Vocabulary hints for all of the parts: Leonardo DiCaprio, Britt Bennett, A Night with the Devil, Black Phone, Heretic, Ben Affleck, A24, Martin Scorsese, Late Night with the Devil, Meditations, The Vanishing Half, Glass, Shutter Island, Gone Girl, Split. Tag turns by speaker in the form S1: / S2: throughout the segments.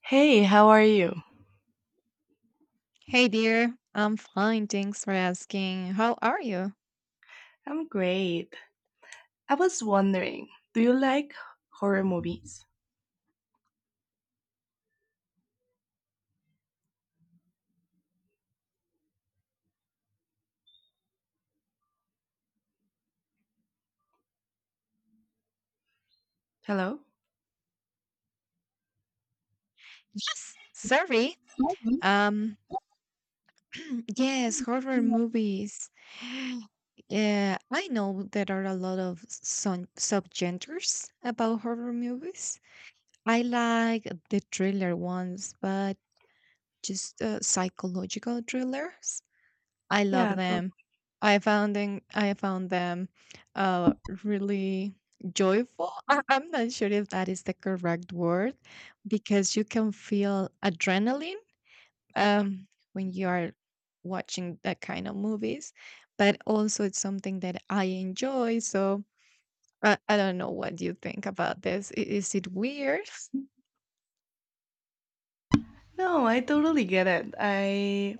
S1: Hey, how are you?
S2: Hey dear, I'm fine. Thanks for asking. How are you?
S1: I'm great. I was wondering, do you like horror movies? Hello?
S2: Yes, sorry.
S1: Mhm.
S2: Um, yes, horror movies. Yeah, I know there are a lot of subgenres about horror movies. I like the thriller ones, but just psychological thrillers. I love
S1: Yeah,
S2: them. I found them uh really joyful. I'm not sure if that is the correct word because you can feel adrenaline um when you are watching that kind of movies, but also it's something that I enjoy. So I don't know what you think about this. Is it weird?
S1: no, I totally get it. I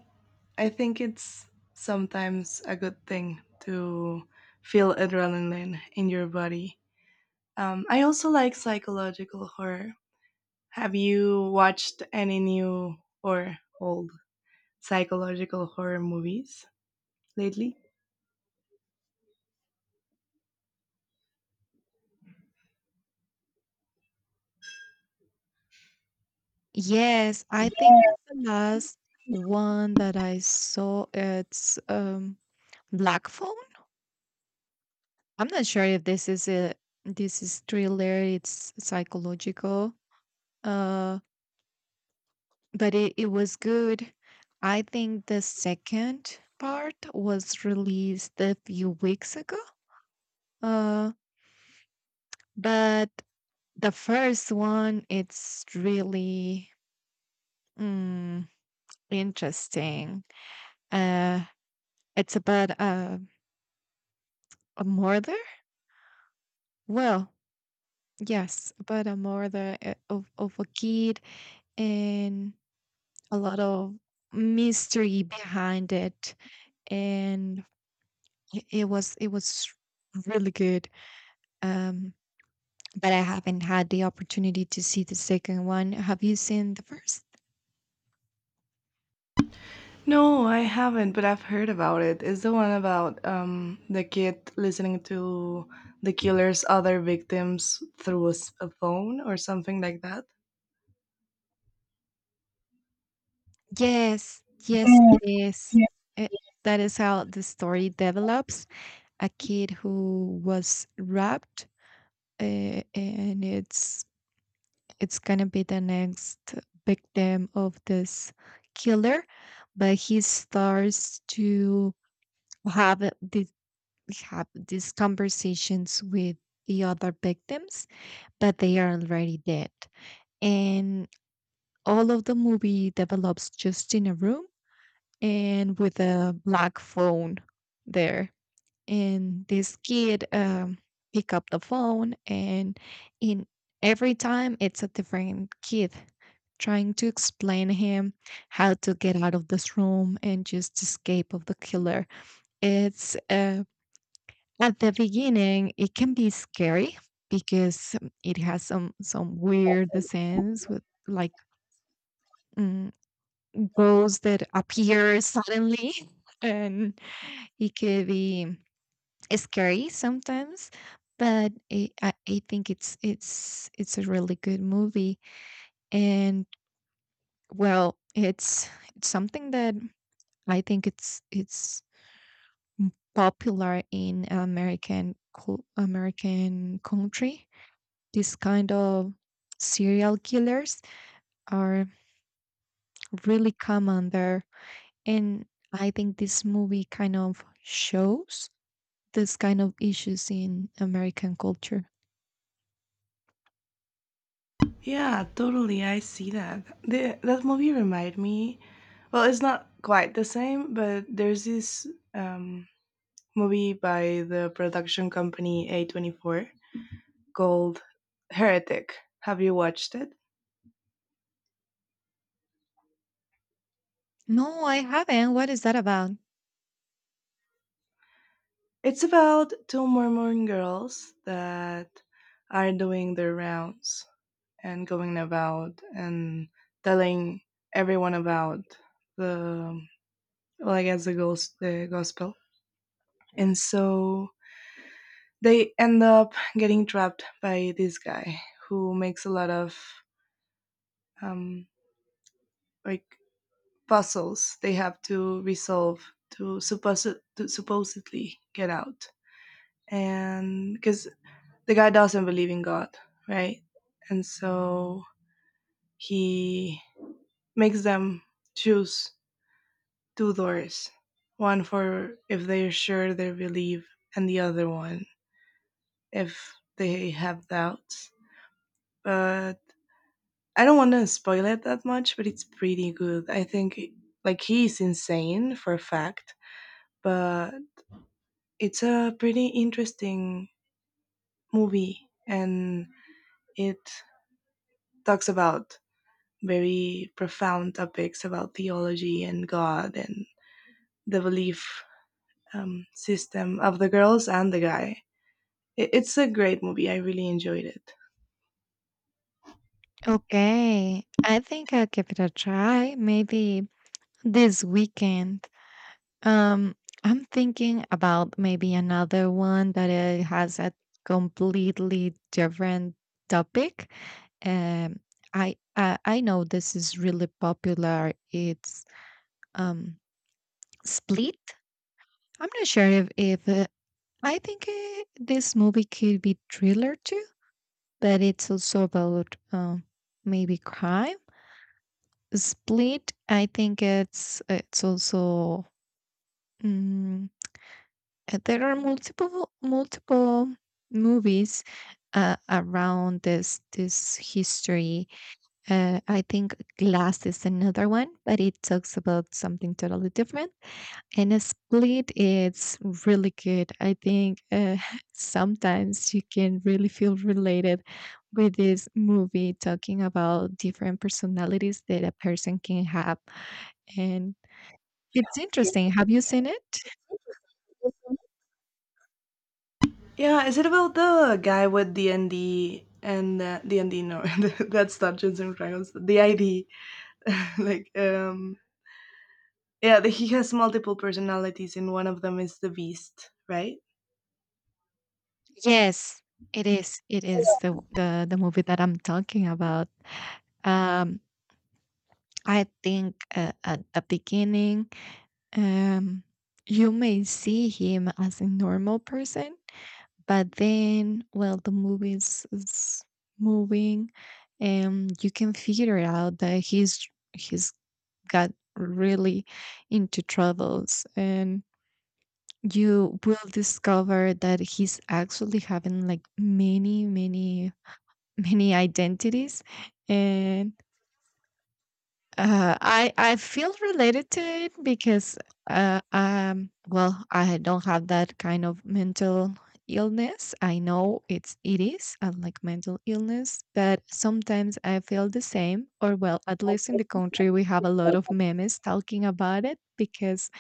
S1: I think it's sometimes a good thing to feel adrenaline in your body. I also like psychological horror. Have you watched any new or old psychological horror movies lately?
S2: Yes, I think the last one that I saw it's Black Phone. I'm not sure if this is thriller, it's psychological. Uh but it was good. I think the second part was released a few weeks ago. Uh but the first one it's really mm, interesting. Uh it's about a murder. Well, yes, but I'm more the of a kid and a lot of mystery behind it, and it was really good. Um, but I haven't had the opportunity to see the second one. Have you seen the first?
S1: No, I haven't, but I've heard about it. It's the one about the kid listening to the killer's other victims through a phone or something like that.
S2: Yes, yes, it is. It, that is how the story develops. A kid who was robbed, and it's going to be the next victim of this killer, but he starts to have this have these conversations with the other victims, but they are already dead, and all of the movie develops just in a room and with a black phone there. And this kid pick up the phone, and in every time it's a different kid trying to explain him how to get out of this room and just escape of the killer. It's At the beginning, it can be scary because it has some weird sense with like mm, ghosts that appear suddenly. And it could be scary sometimes, but I think it's a really good movie. And well, it's something that I think it's popular in American country. This kind of serial killers are really common there, and I think this movie kind of shows this kind of issues in American culture.
S1: Yeah, totally. I see that. That movie reminded me. Well, it's not quite the same, but there's this um, movie by the production company A24 called Heretic. Have you watched it?
S2: No, I haven't. What is that about?
S1: It's about two Mormon girls that are doing their rounds and going about and telling everyone about the, well, I guess the gospel. And so they end up getting trapped by this guy who makes a lot of um, like puzzles they have to resolve to, supposed to supposedly get out. And because the guy doesn't believe in God, right? And so he makes them choose two doors, one for if they're sure they believe, and the other one if they have doubts. But I don't want to spoil it that much, but it's pretty good. I think, like, he's insane for a fact, but it's a pretty interesting movie, and it talks about very profound topics about theology and God and the belief system of the girls and the guy. It's a great movie. I really enjoyed it.
S2: Okay. I think I'll give it a try maybe this weekend. Um, I'm thinking about maybe another one that has a completely different topic. Um, I know this is really popular. It's um Split. I'm not sure if I think this movie could be thriller too, but it's also about maybe crime. Split, I think it's also mm, there are multiple movies around this history. I think Glass is another one, but it talks about something totally different. And a split is really good. I think sometimes you can really feel related with this movie talking about different personalities that a person can have. And it's interesting. Have you seen it?
S1: Yeah, is it about the guy with the ND and the ND? No, that's Dungeons and Dragons. The ID, like yeah, he has multiple personalities, and one of them is the Beast, right?
S2: Yes, it is. It is the movie that I'm talking about. Um, I think at the beginning, um, you may see him as a normal person, but then, well, the movie is moving, and you can figure out that he's got really into troubles, and you will discover that he's actually having like many, many, many identities, and I feel related to it because well, I don't have that kind of mental illness. I know it is like mental illness, but sometimes I feel the same. Or well, at least in the country we have a lot of memes talking about it because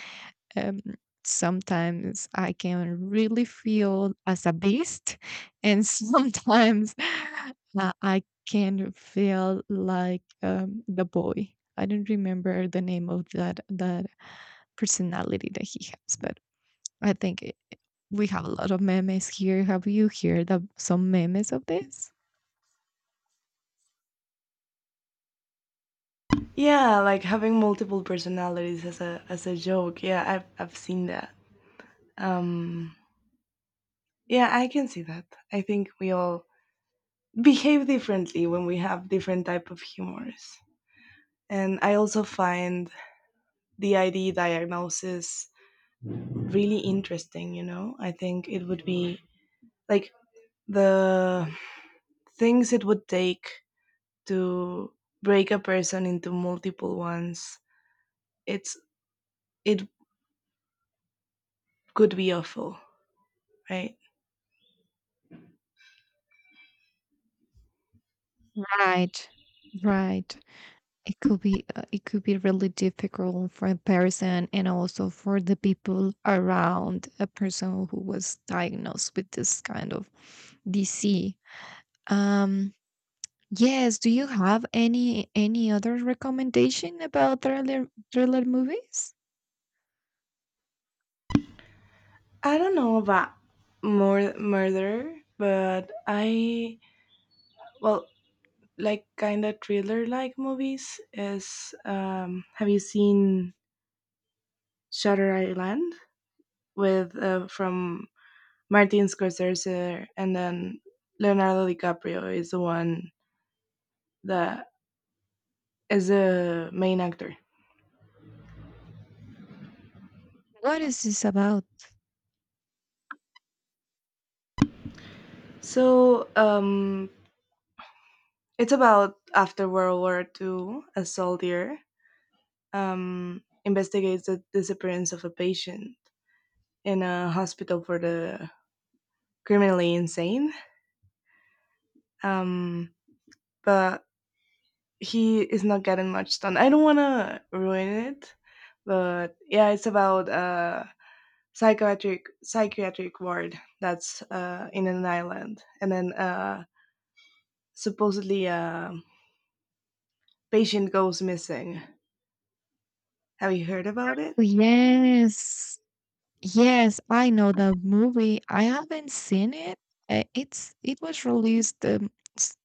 S2: um, sometimes I can really feel as a Beast, and sometimes I can feel like the boy. I don't remember the name of that personality that he has, but I think we have a lot of memes here. Have you heard of some memes of this?
S1: Yeah, like having multiple personalities as a joke. Yeah, I've seen that. Um, Yeah, I can see that. I think we all behave differently when we have different type of humors. And I also find the ID diagnosis really interesting, you know? I think it would be like the things it would take to break a person into multiple ones. It's it could be awful, right?
S2: Right. Right. It could be really difficult for a person, and also for the people around a person who was diagnosed with this kind of disease. Um yes, do you have any other recommendation about thriller movies?
S1: I don't know about more murder, but I well, like, kind of thriller like movies is, have you seen Shutter Island with from Martin Scorsese, and then Leonardo DiCaprio is the one that is the main actor.
S2: What is this about?
S1: So it's about, after World War II, a soldier investigates the disappearance of a patient in a hospital for the criminally insane. Um but he is not getting much done. I don't want to ruin it, but yeah, it's about a psychiatric ward that's in an island, and then supposedly a patient goes missing. Have you heard about it?
S2: Yes. Yes, I know the movie. I haven't seen it. It was released s-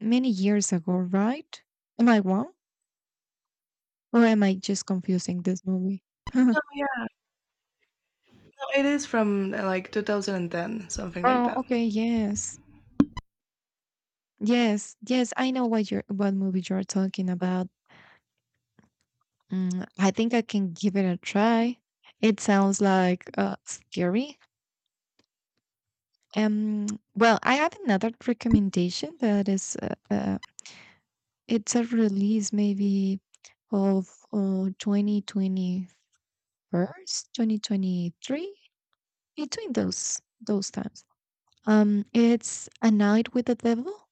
S2: many years ago, right? Am I wrong? Or am I just confusing this movie?
S1: Yeah, no, it is from like 2010, something like
S2: Oh,
S1: that.
S2: okay, yes. Yes, yes, I know what movie you're talking about. Mm, I think I can give it a try. It sounds like scary. Um, well, I have another recommendation that is it's a release maybe of 2021st, 2023, between those times. It's A Night with the Devil.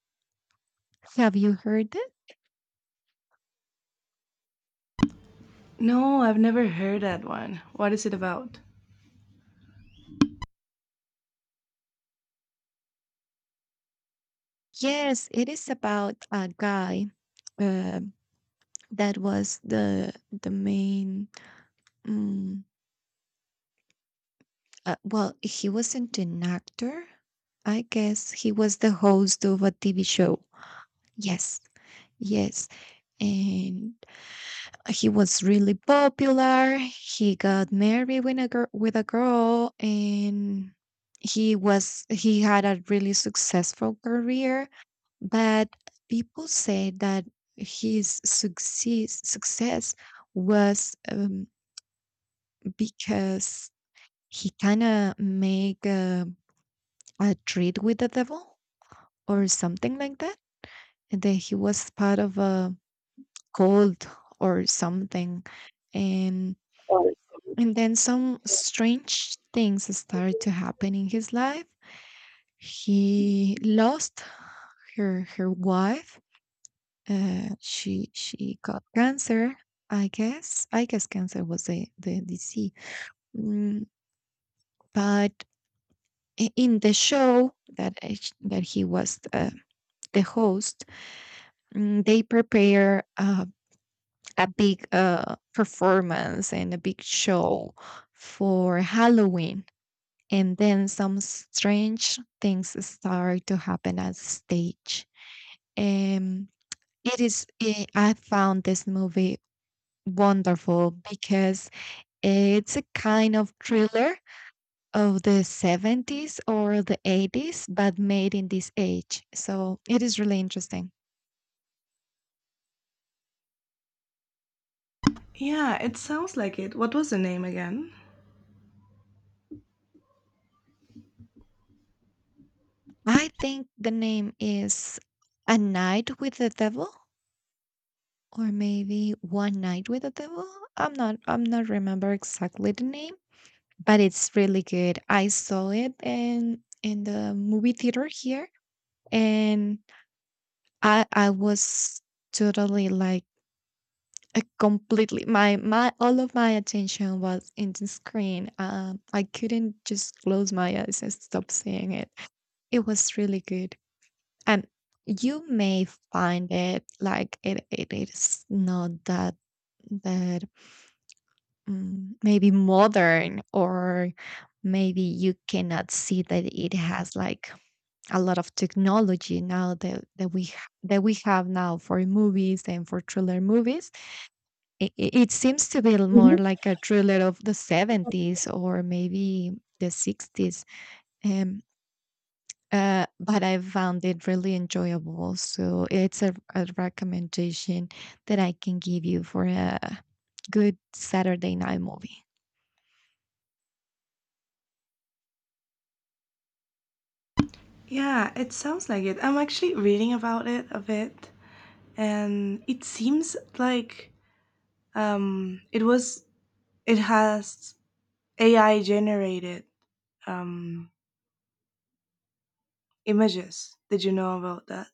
S2: Have you heard it?
S1: No, I've never heard that one. What is it about?
S2: Yes, it is about a guy uh, that was the main. Um, well, he wasn't an actor. I guess he was the host of a TV show. Yes, yes, and he was really popular. He got married with a girl, and he had a really successful career. But people say that his success was because he kind of make a treat with the devil or something like that, and that he was part of a cult or something. And
S1: Sorry.
S2: And then some strange things started to happen in his life. He lost her wife. She got cancer. I guess cancer was the disease. Mm, but in the show that he was the host, they prepare a big performance and a big show for Halloween. And then some strange things start to happen at stage. Um, I found this movie wonderful because it's a kind of thriller of the 70s or the 80s, but made in this age. So it is really interesting.
S1: Yeah, it sounds like it. What was the name again?
S2: I think the name is A Night with the Devil, or maybe One Night with the Devil. I'm not remember exactly the name, but it's really good. I saw it in the movie theater here, and I was totally like completely my my all of my attention was in the screen. I couldn't just close my eyes and stop seeing it. It was really good, and you may find it like it is not that maybe modern, or maybe you cannot see that it has like a lot of technology now that we have now for movies and for thriller movies. It seems to be more like a thriller of the 70s or maybe the 60s. um, but I found it really enjoyable, so it's a recommendation that I can give you for a good Saturday night movie.
S1: Yeah, it sounds like it. I'm actually reading about it a bit, and it seems like um, it was it has AI generated um, images. Did you know about that?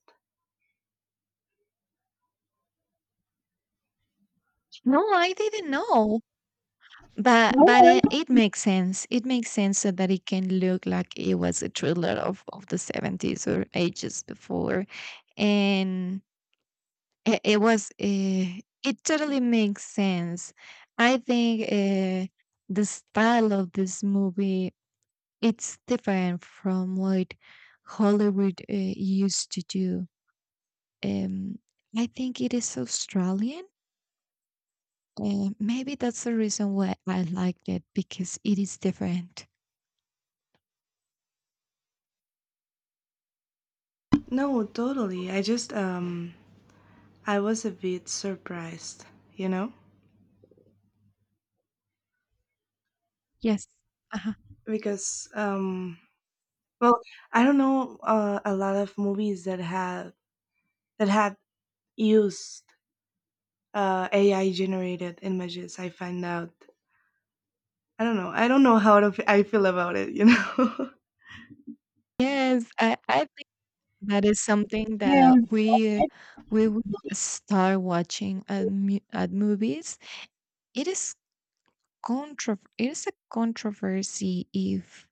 S2: No, I didn't know. But it makes sense. It makes sense so that it can look like it was a thriller of the 70s or ages before. And It, it was, uh, it totally makes sense. I think the style of this movie, it's different from what Hollywood used to do. Um, I think it is Australian. Maybe that's the reason why I like it because it is different.
S1: No, totally. I was a bit surprised, you know,
S2: Yes. Uh-huh.
S1: because well, I don't know a lot of movies that had used AI generated images. I find out I don't know. I don't know I feel about it, you know?
S2: Yes, I think that is something that we will start watching at movies. It is it's a controversy if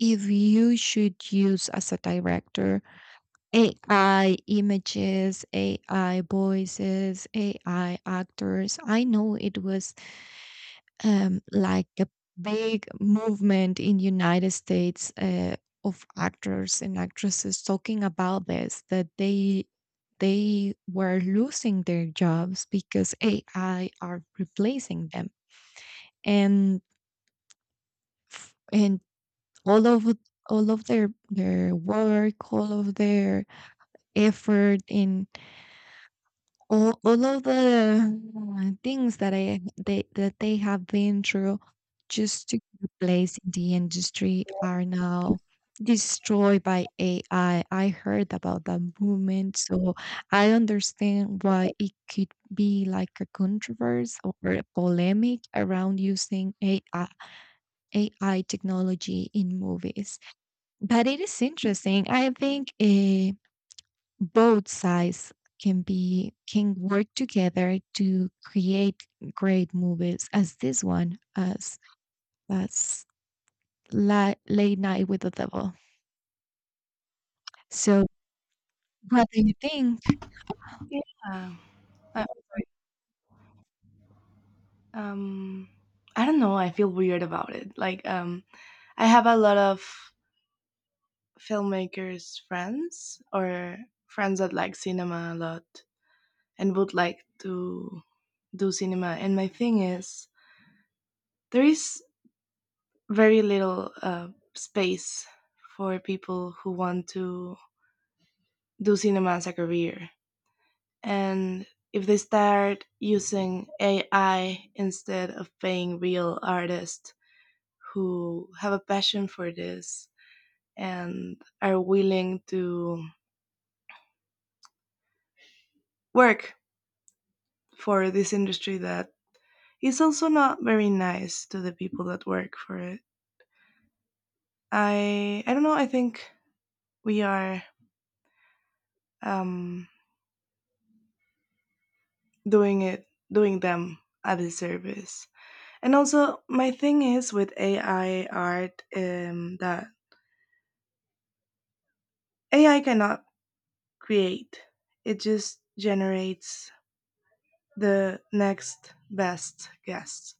S2: if you should use as a director AI images, AI voices, AI actors. I know it was like a big movement in United States of actors and actresses talking about this that they were losing their jobs because AI are replacing them, and and all of all of their work, all of their effort, and all of the things that they have been through just to get a place in the industry are now destroyed by AI. I heard about that movement, so I understand why it could be like a controversy or a polemic around using AI technology in movies. But it is interesting. I think both sides can work together to create great movies, as this one, as Late Night with the Devil. So, what do you think?
S1: Yeah. Uh, Um, I don't know. I feel weird about it. Like, I have a lot of filmmakers friends or friends that like cinema a lot and would like to do cinema. And my thing is, there is very little space for people who want to do cinema as a career. And if they start using AI instead of paying real artists who have a passion for this and are willing to work for this industry that is also not very nice to the people that work for it. I don't know. I think we are um, doing it doing them a disservice. And also, my thing is with AI art that AI cannot create. It just generates the next best guess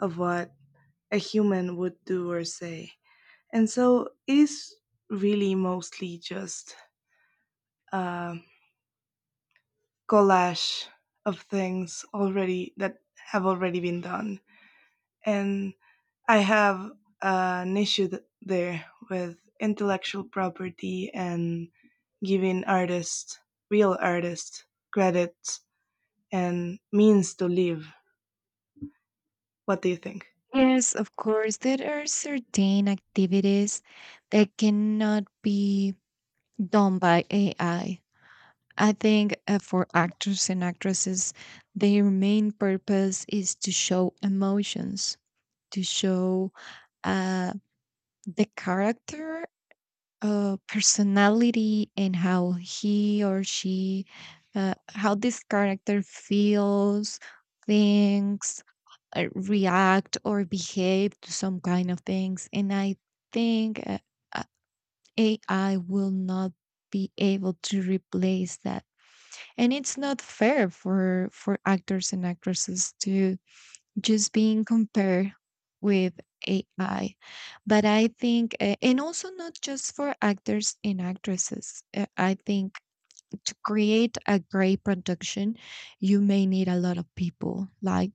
S1: of what a human would do or say. And so it is really mostly just a collage of things already that have already been done. And I have an issue there with intellectual property and giving artists, real artists, credit and means to live. What do you think?
S2: Yes, of course, there are certain activities that cannot be done by AI. I I think for actors and actresses, their main purpose is to show emotions, to show uh, the character, personality, and how he or she, how this character feels, thinks, react, or behave to some kind of things. And I think uh, AI will not be able to replace that, and it's not fair for actors and actresses to just being compared with AI. But I think, and also not just for actors and actresses, I think to create a great production, you may need a lot of people, like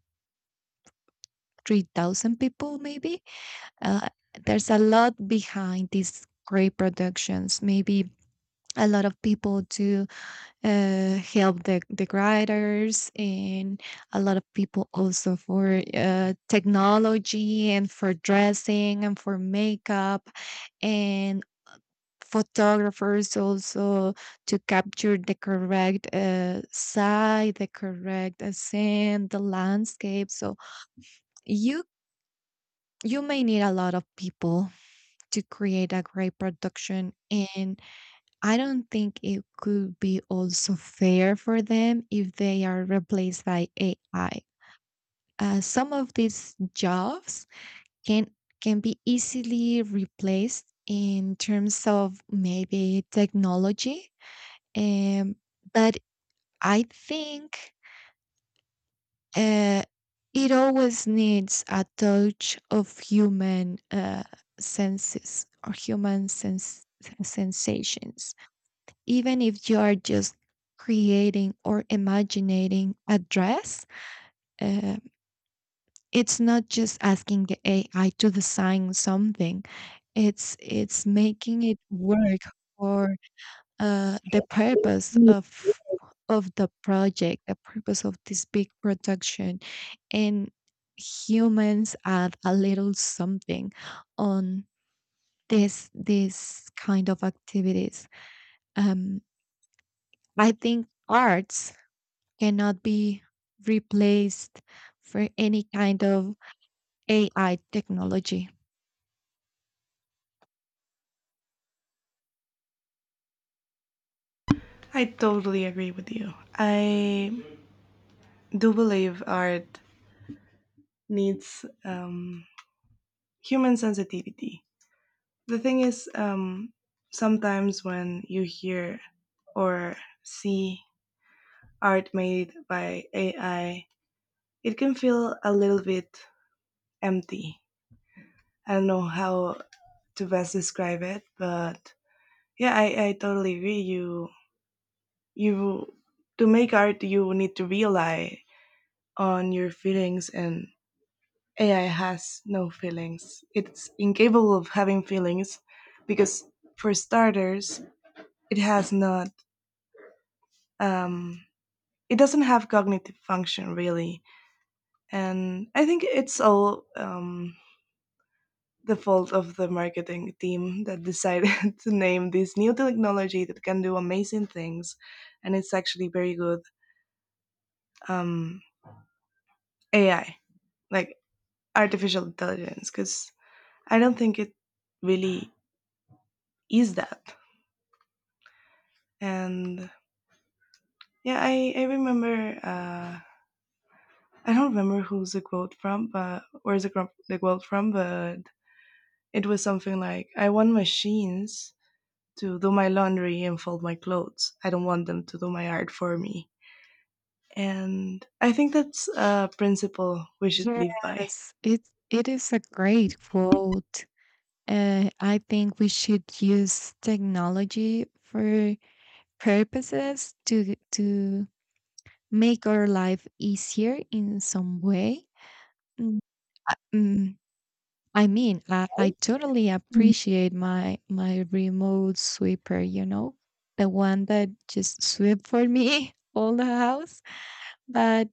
S2: 3,000 people, maybe. Uh, there's a lot behind these great productions, maybe a lot of people to help the writers, and a lot of people also for technology and for dressing and for makeup, and photographers also to capture the correct scene, the landscape. So you you may need a lot of people to create a great production, and I don't think it could be also fair for them if they are replaced by AI. Some of these jobs can can be easily replaced in terms of maybe technology, um, but I think uh, it always needs a touch of human senses, or human sense sensations. Even if you are just creating or imagining a dress, uh, it's not just asking the AI to design something. It's making it work for the purpose of the project the purpose of this big production. And humans add a little something on this kind of activities. um I think arts cannot be replaced for any kind of AI technology.
S1: I totally agree with you. I do believe art needs human sensitivity. The thing is, sometimes when you hear or see art made by AI, it can feel a little bit empty. I don't know how to best describe it, but yeah, I totally agree. You to make art, you need to rely on your feelings, and AI has no feelings. It's incapable of having feelings because, for starters, it has not. Um, it doesn't have cognitive function really, and I think it's all the fault of the marketing team that decided to name this new technology that can do amazing things, and it's actually very good um, AI, like artificial intelligence, because I don't think it really is that, and yeah, I remember. I don't remember who's the quote from, but where's the quote from? But it was something like, "I want machines to do my laundry and fold my clothes. I don't want them to do my art for me." And I think that's a principle we should live by.
S2: Yes, it is a great quote. I think we should use technology for purposes to make our life easier in some way. Mm, uh, mm, I mean, I totally
S1: Mm.
S2: appreciate my remote sweeper, the one that just sweep for me all the house. But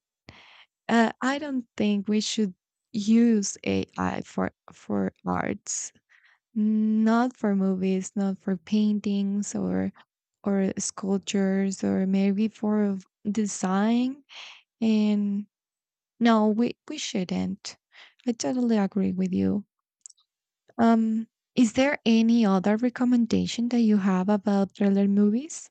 S2: I don't think we should use AI for arts, not for movies, not for paintings, or sculptures, or maybe for design. And no, we shouldn't. I totally agree with you. Um, is there any other recommendation that you have about thriller movies?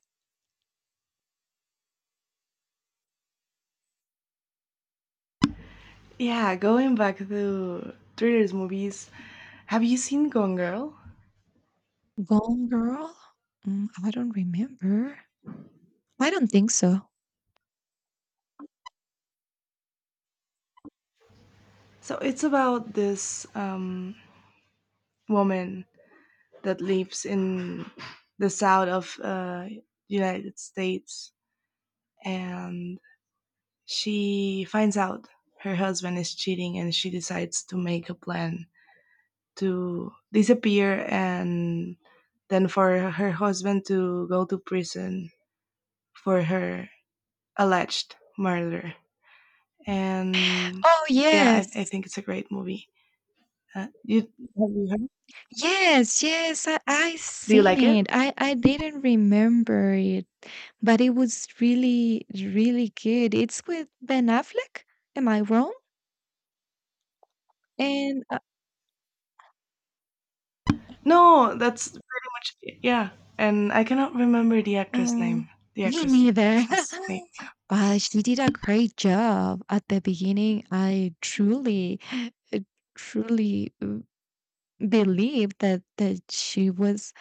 S1: Yeah, going back to thrillers movies, have you seen Gone Girl?
S2: Gone Girl? Mm, I don't remember. I don't think so.
S1: So it's about this woman that lives in the south of United States, and she finds out her husband is cheating, and she decides to make a plan to disappear and then for her husband to go to prison for her alleged murder. And
S2: Oh
S1: yeah, I
S2: yes.
S1: think it's a great movie. You have you heard?
S2: Yes, yes, I
S1: Do you
S2: seen
S1: like it?
S2: it. I didn't remember it, but it was really, really good. It's with Ben Affleck. Am I wrong? And
S1: No, that's pretty much it. Yeah. And I cannot remember the actress
S2: Oh,
S1: name, the
S2: me neither.
S1: actress's name.
S2: She did a great job at the beginning. I truly, uh, truly believed that she was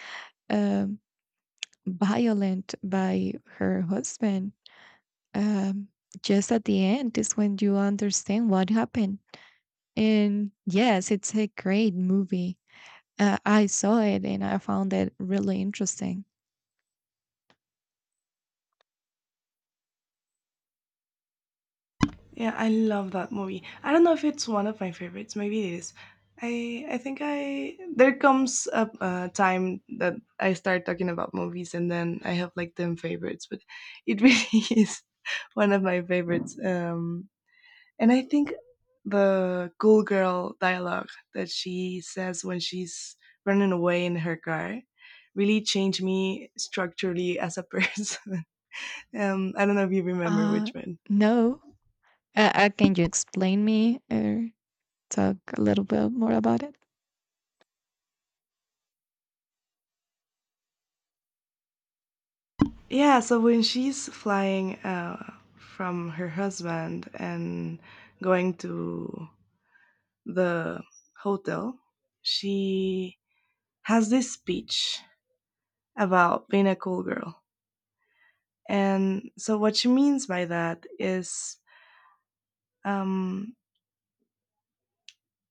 S2: um, violent by her husband. Um, just at the end is when you understand what happened. And yes, it's a great movie. I saw it and I found it really interesting.
S1: Yeah, I love that movie. I don't know if it's one of my favorites. Maybe it is. I think I there comes a time that I start talking about movies, and then I have like 10 favorites, but it really is one of my favorites. And I think the Ghoul Girl dialogue that she says when she's running away in her car really changed me structurally as a person. I don't know if you remember
S2: Uh,
S1: which one.
S2: no. Can you explain me or talk a little bit more about it?
S1: Yeah, so when she's flying from her husband and going to the hotel, she has this speech about being a cool girl. And so, what she means by that is um,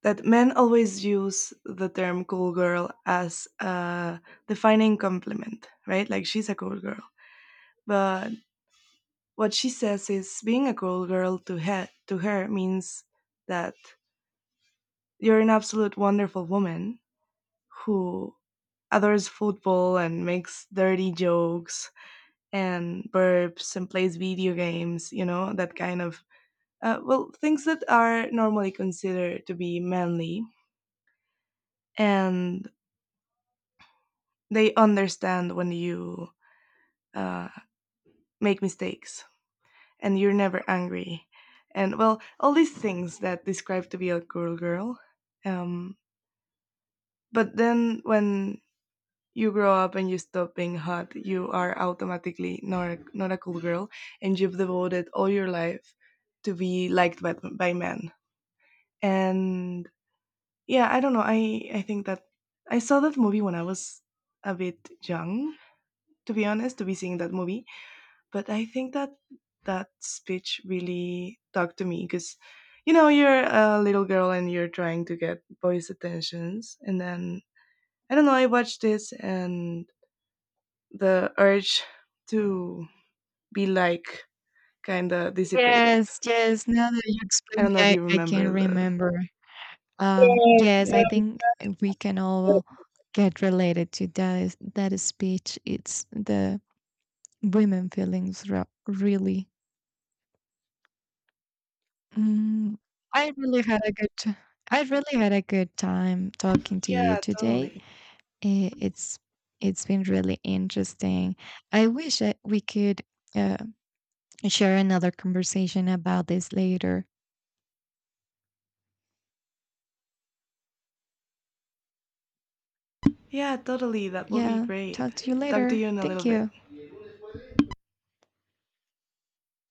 S1: that men always use the term cool girl as a defining compliment, right? Like she's a cool girl. But what she says is being a cool girl to her means that you're an absolute wonderful woman who adores football and makes dirty jokes and burps and plays video games, that kind of well, things that are normally considered to be manly. And they understand when you uh, make mistakes and you're never angry, and well, all these things that describe to be a girl um, but then when you grow up and you stop being hot, you are automatically not a cool girl, and you've devoted all your life to be liked by men, and yeah, I don't know, I think that I saw that movie when I was a bit young, to be honest, to be seeing that movie. But I think that that speech really talked to me because you're a little girl and you're trying to get boys' attentions, and then I don't know. I watched this and the urge to be like kind of dissipated.
S2: Yes, yes. Now that you
S1: I
S2: explain
S1: don't
S2: me,
S1: know if
S2: I,
S1: you
S2: I can
S1: remember the.
S2: remember.
S1: Yes,
S2: Yes, I
S1: Yeah.
S2: think we can
S1: Yes.
S2: all get related to that speech. It's the women feelings really. Mm, I really had a good t- I really had a good time talking to you
S1: Yeah,
S2: today.
S1: totally.
S2: I- It's it's been really interesting. I wish that we could uh, share another conversation about this later.
S1: Yeah, totally. That would be
S2: Yeah,
S1: great.
S2: talk to you
S1: Talk to
S2: later.
S1: you in a little
S2: Thank
S1: bit.
S2: you.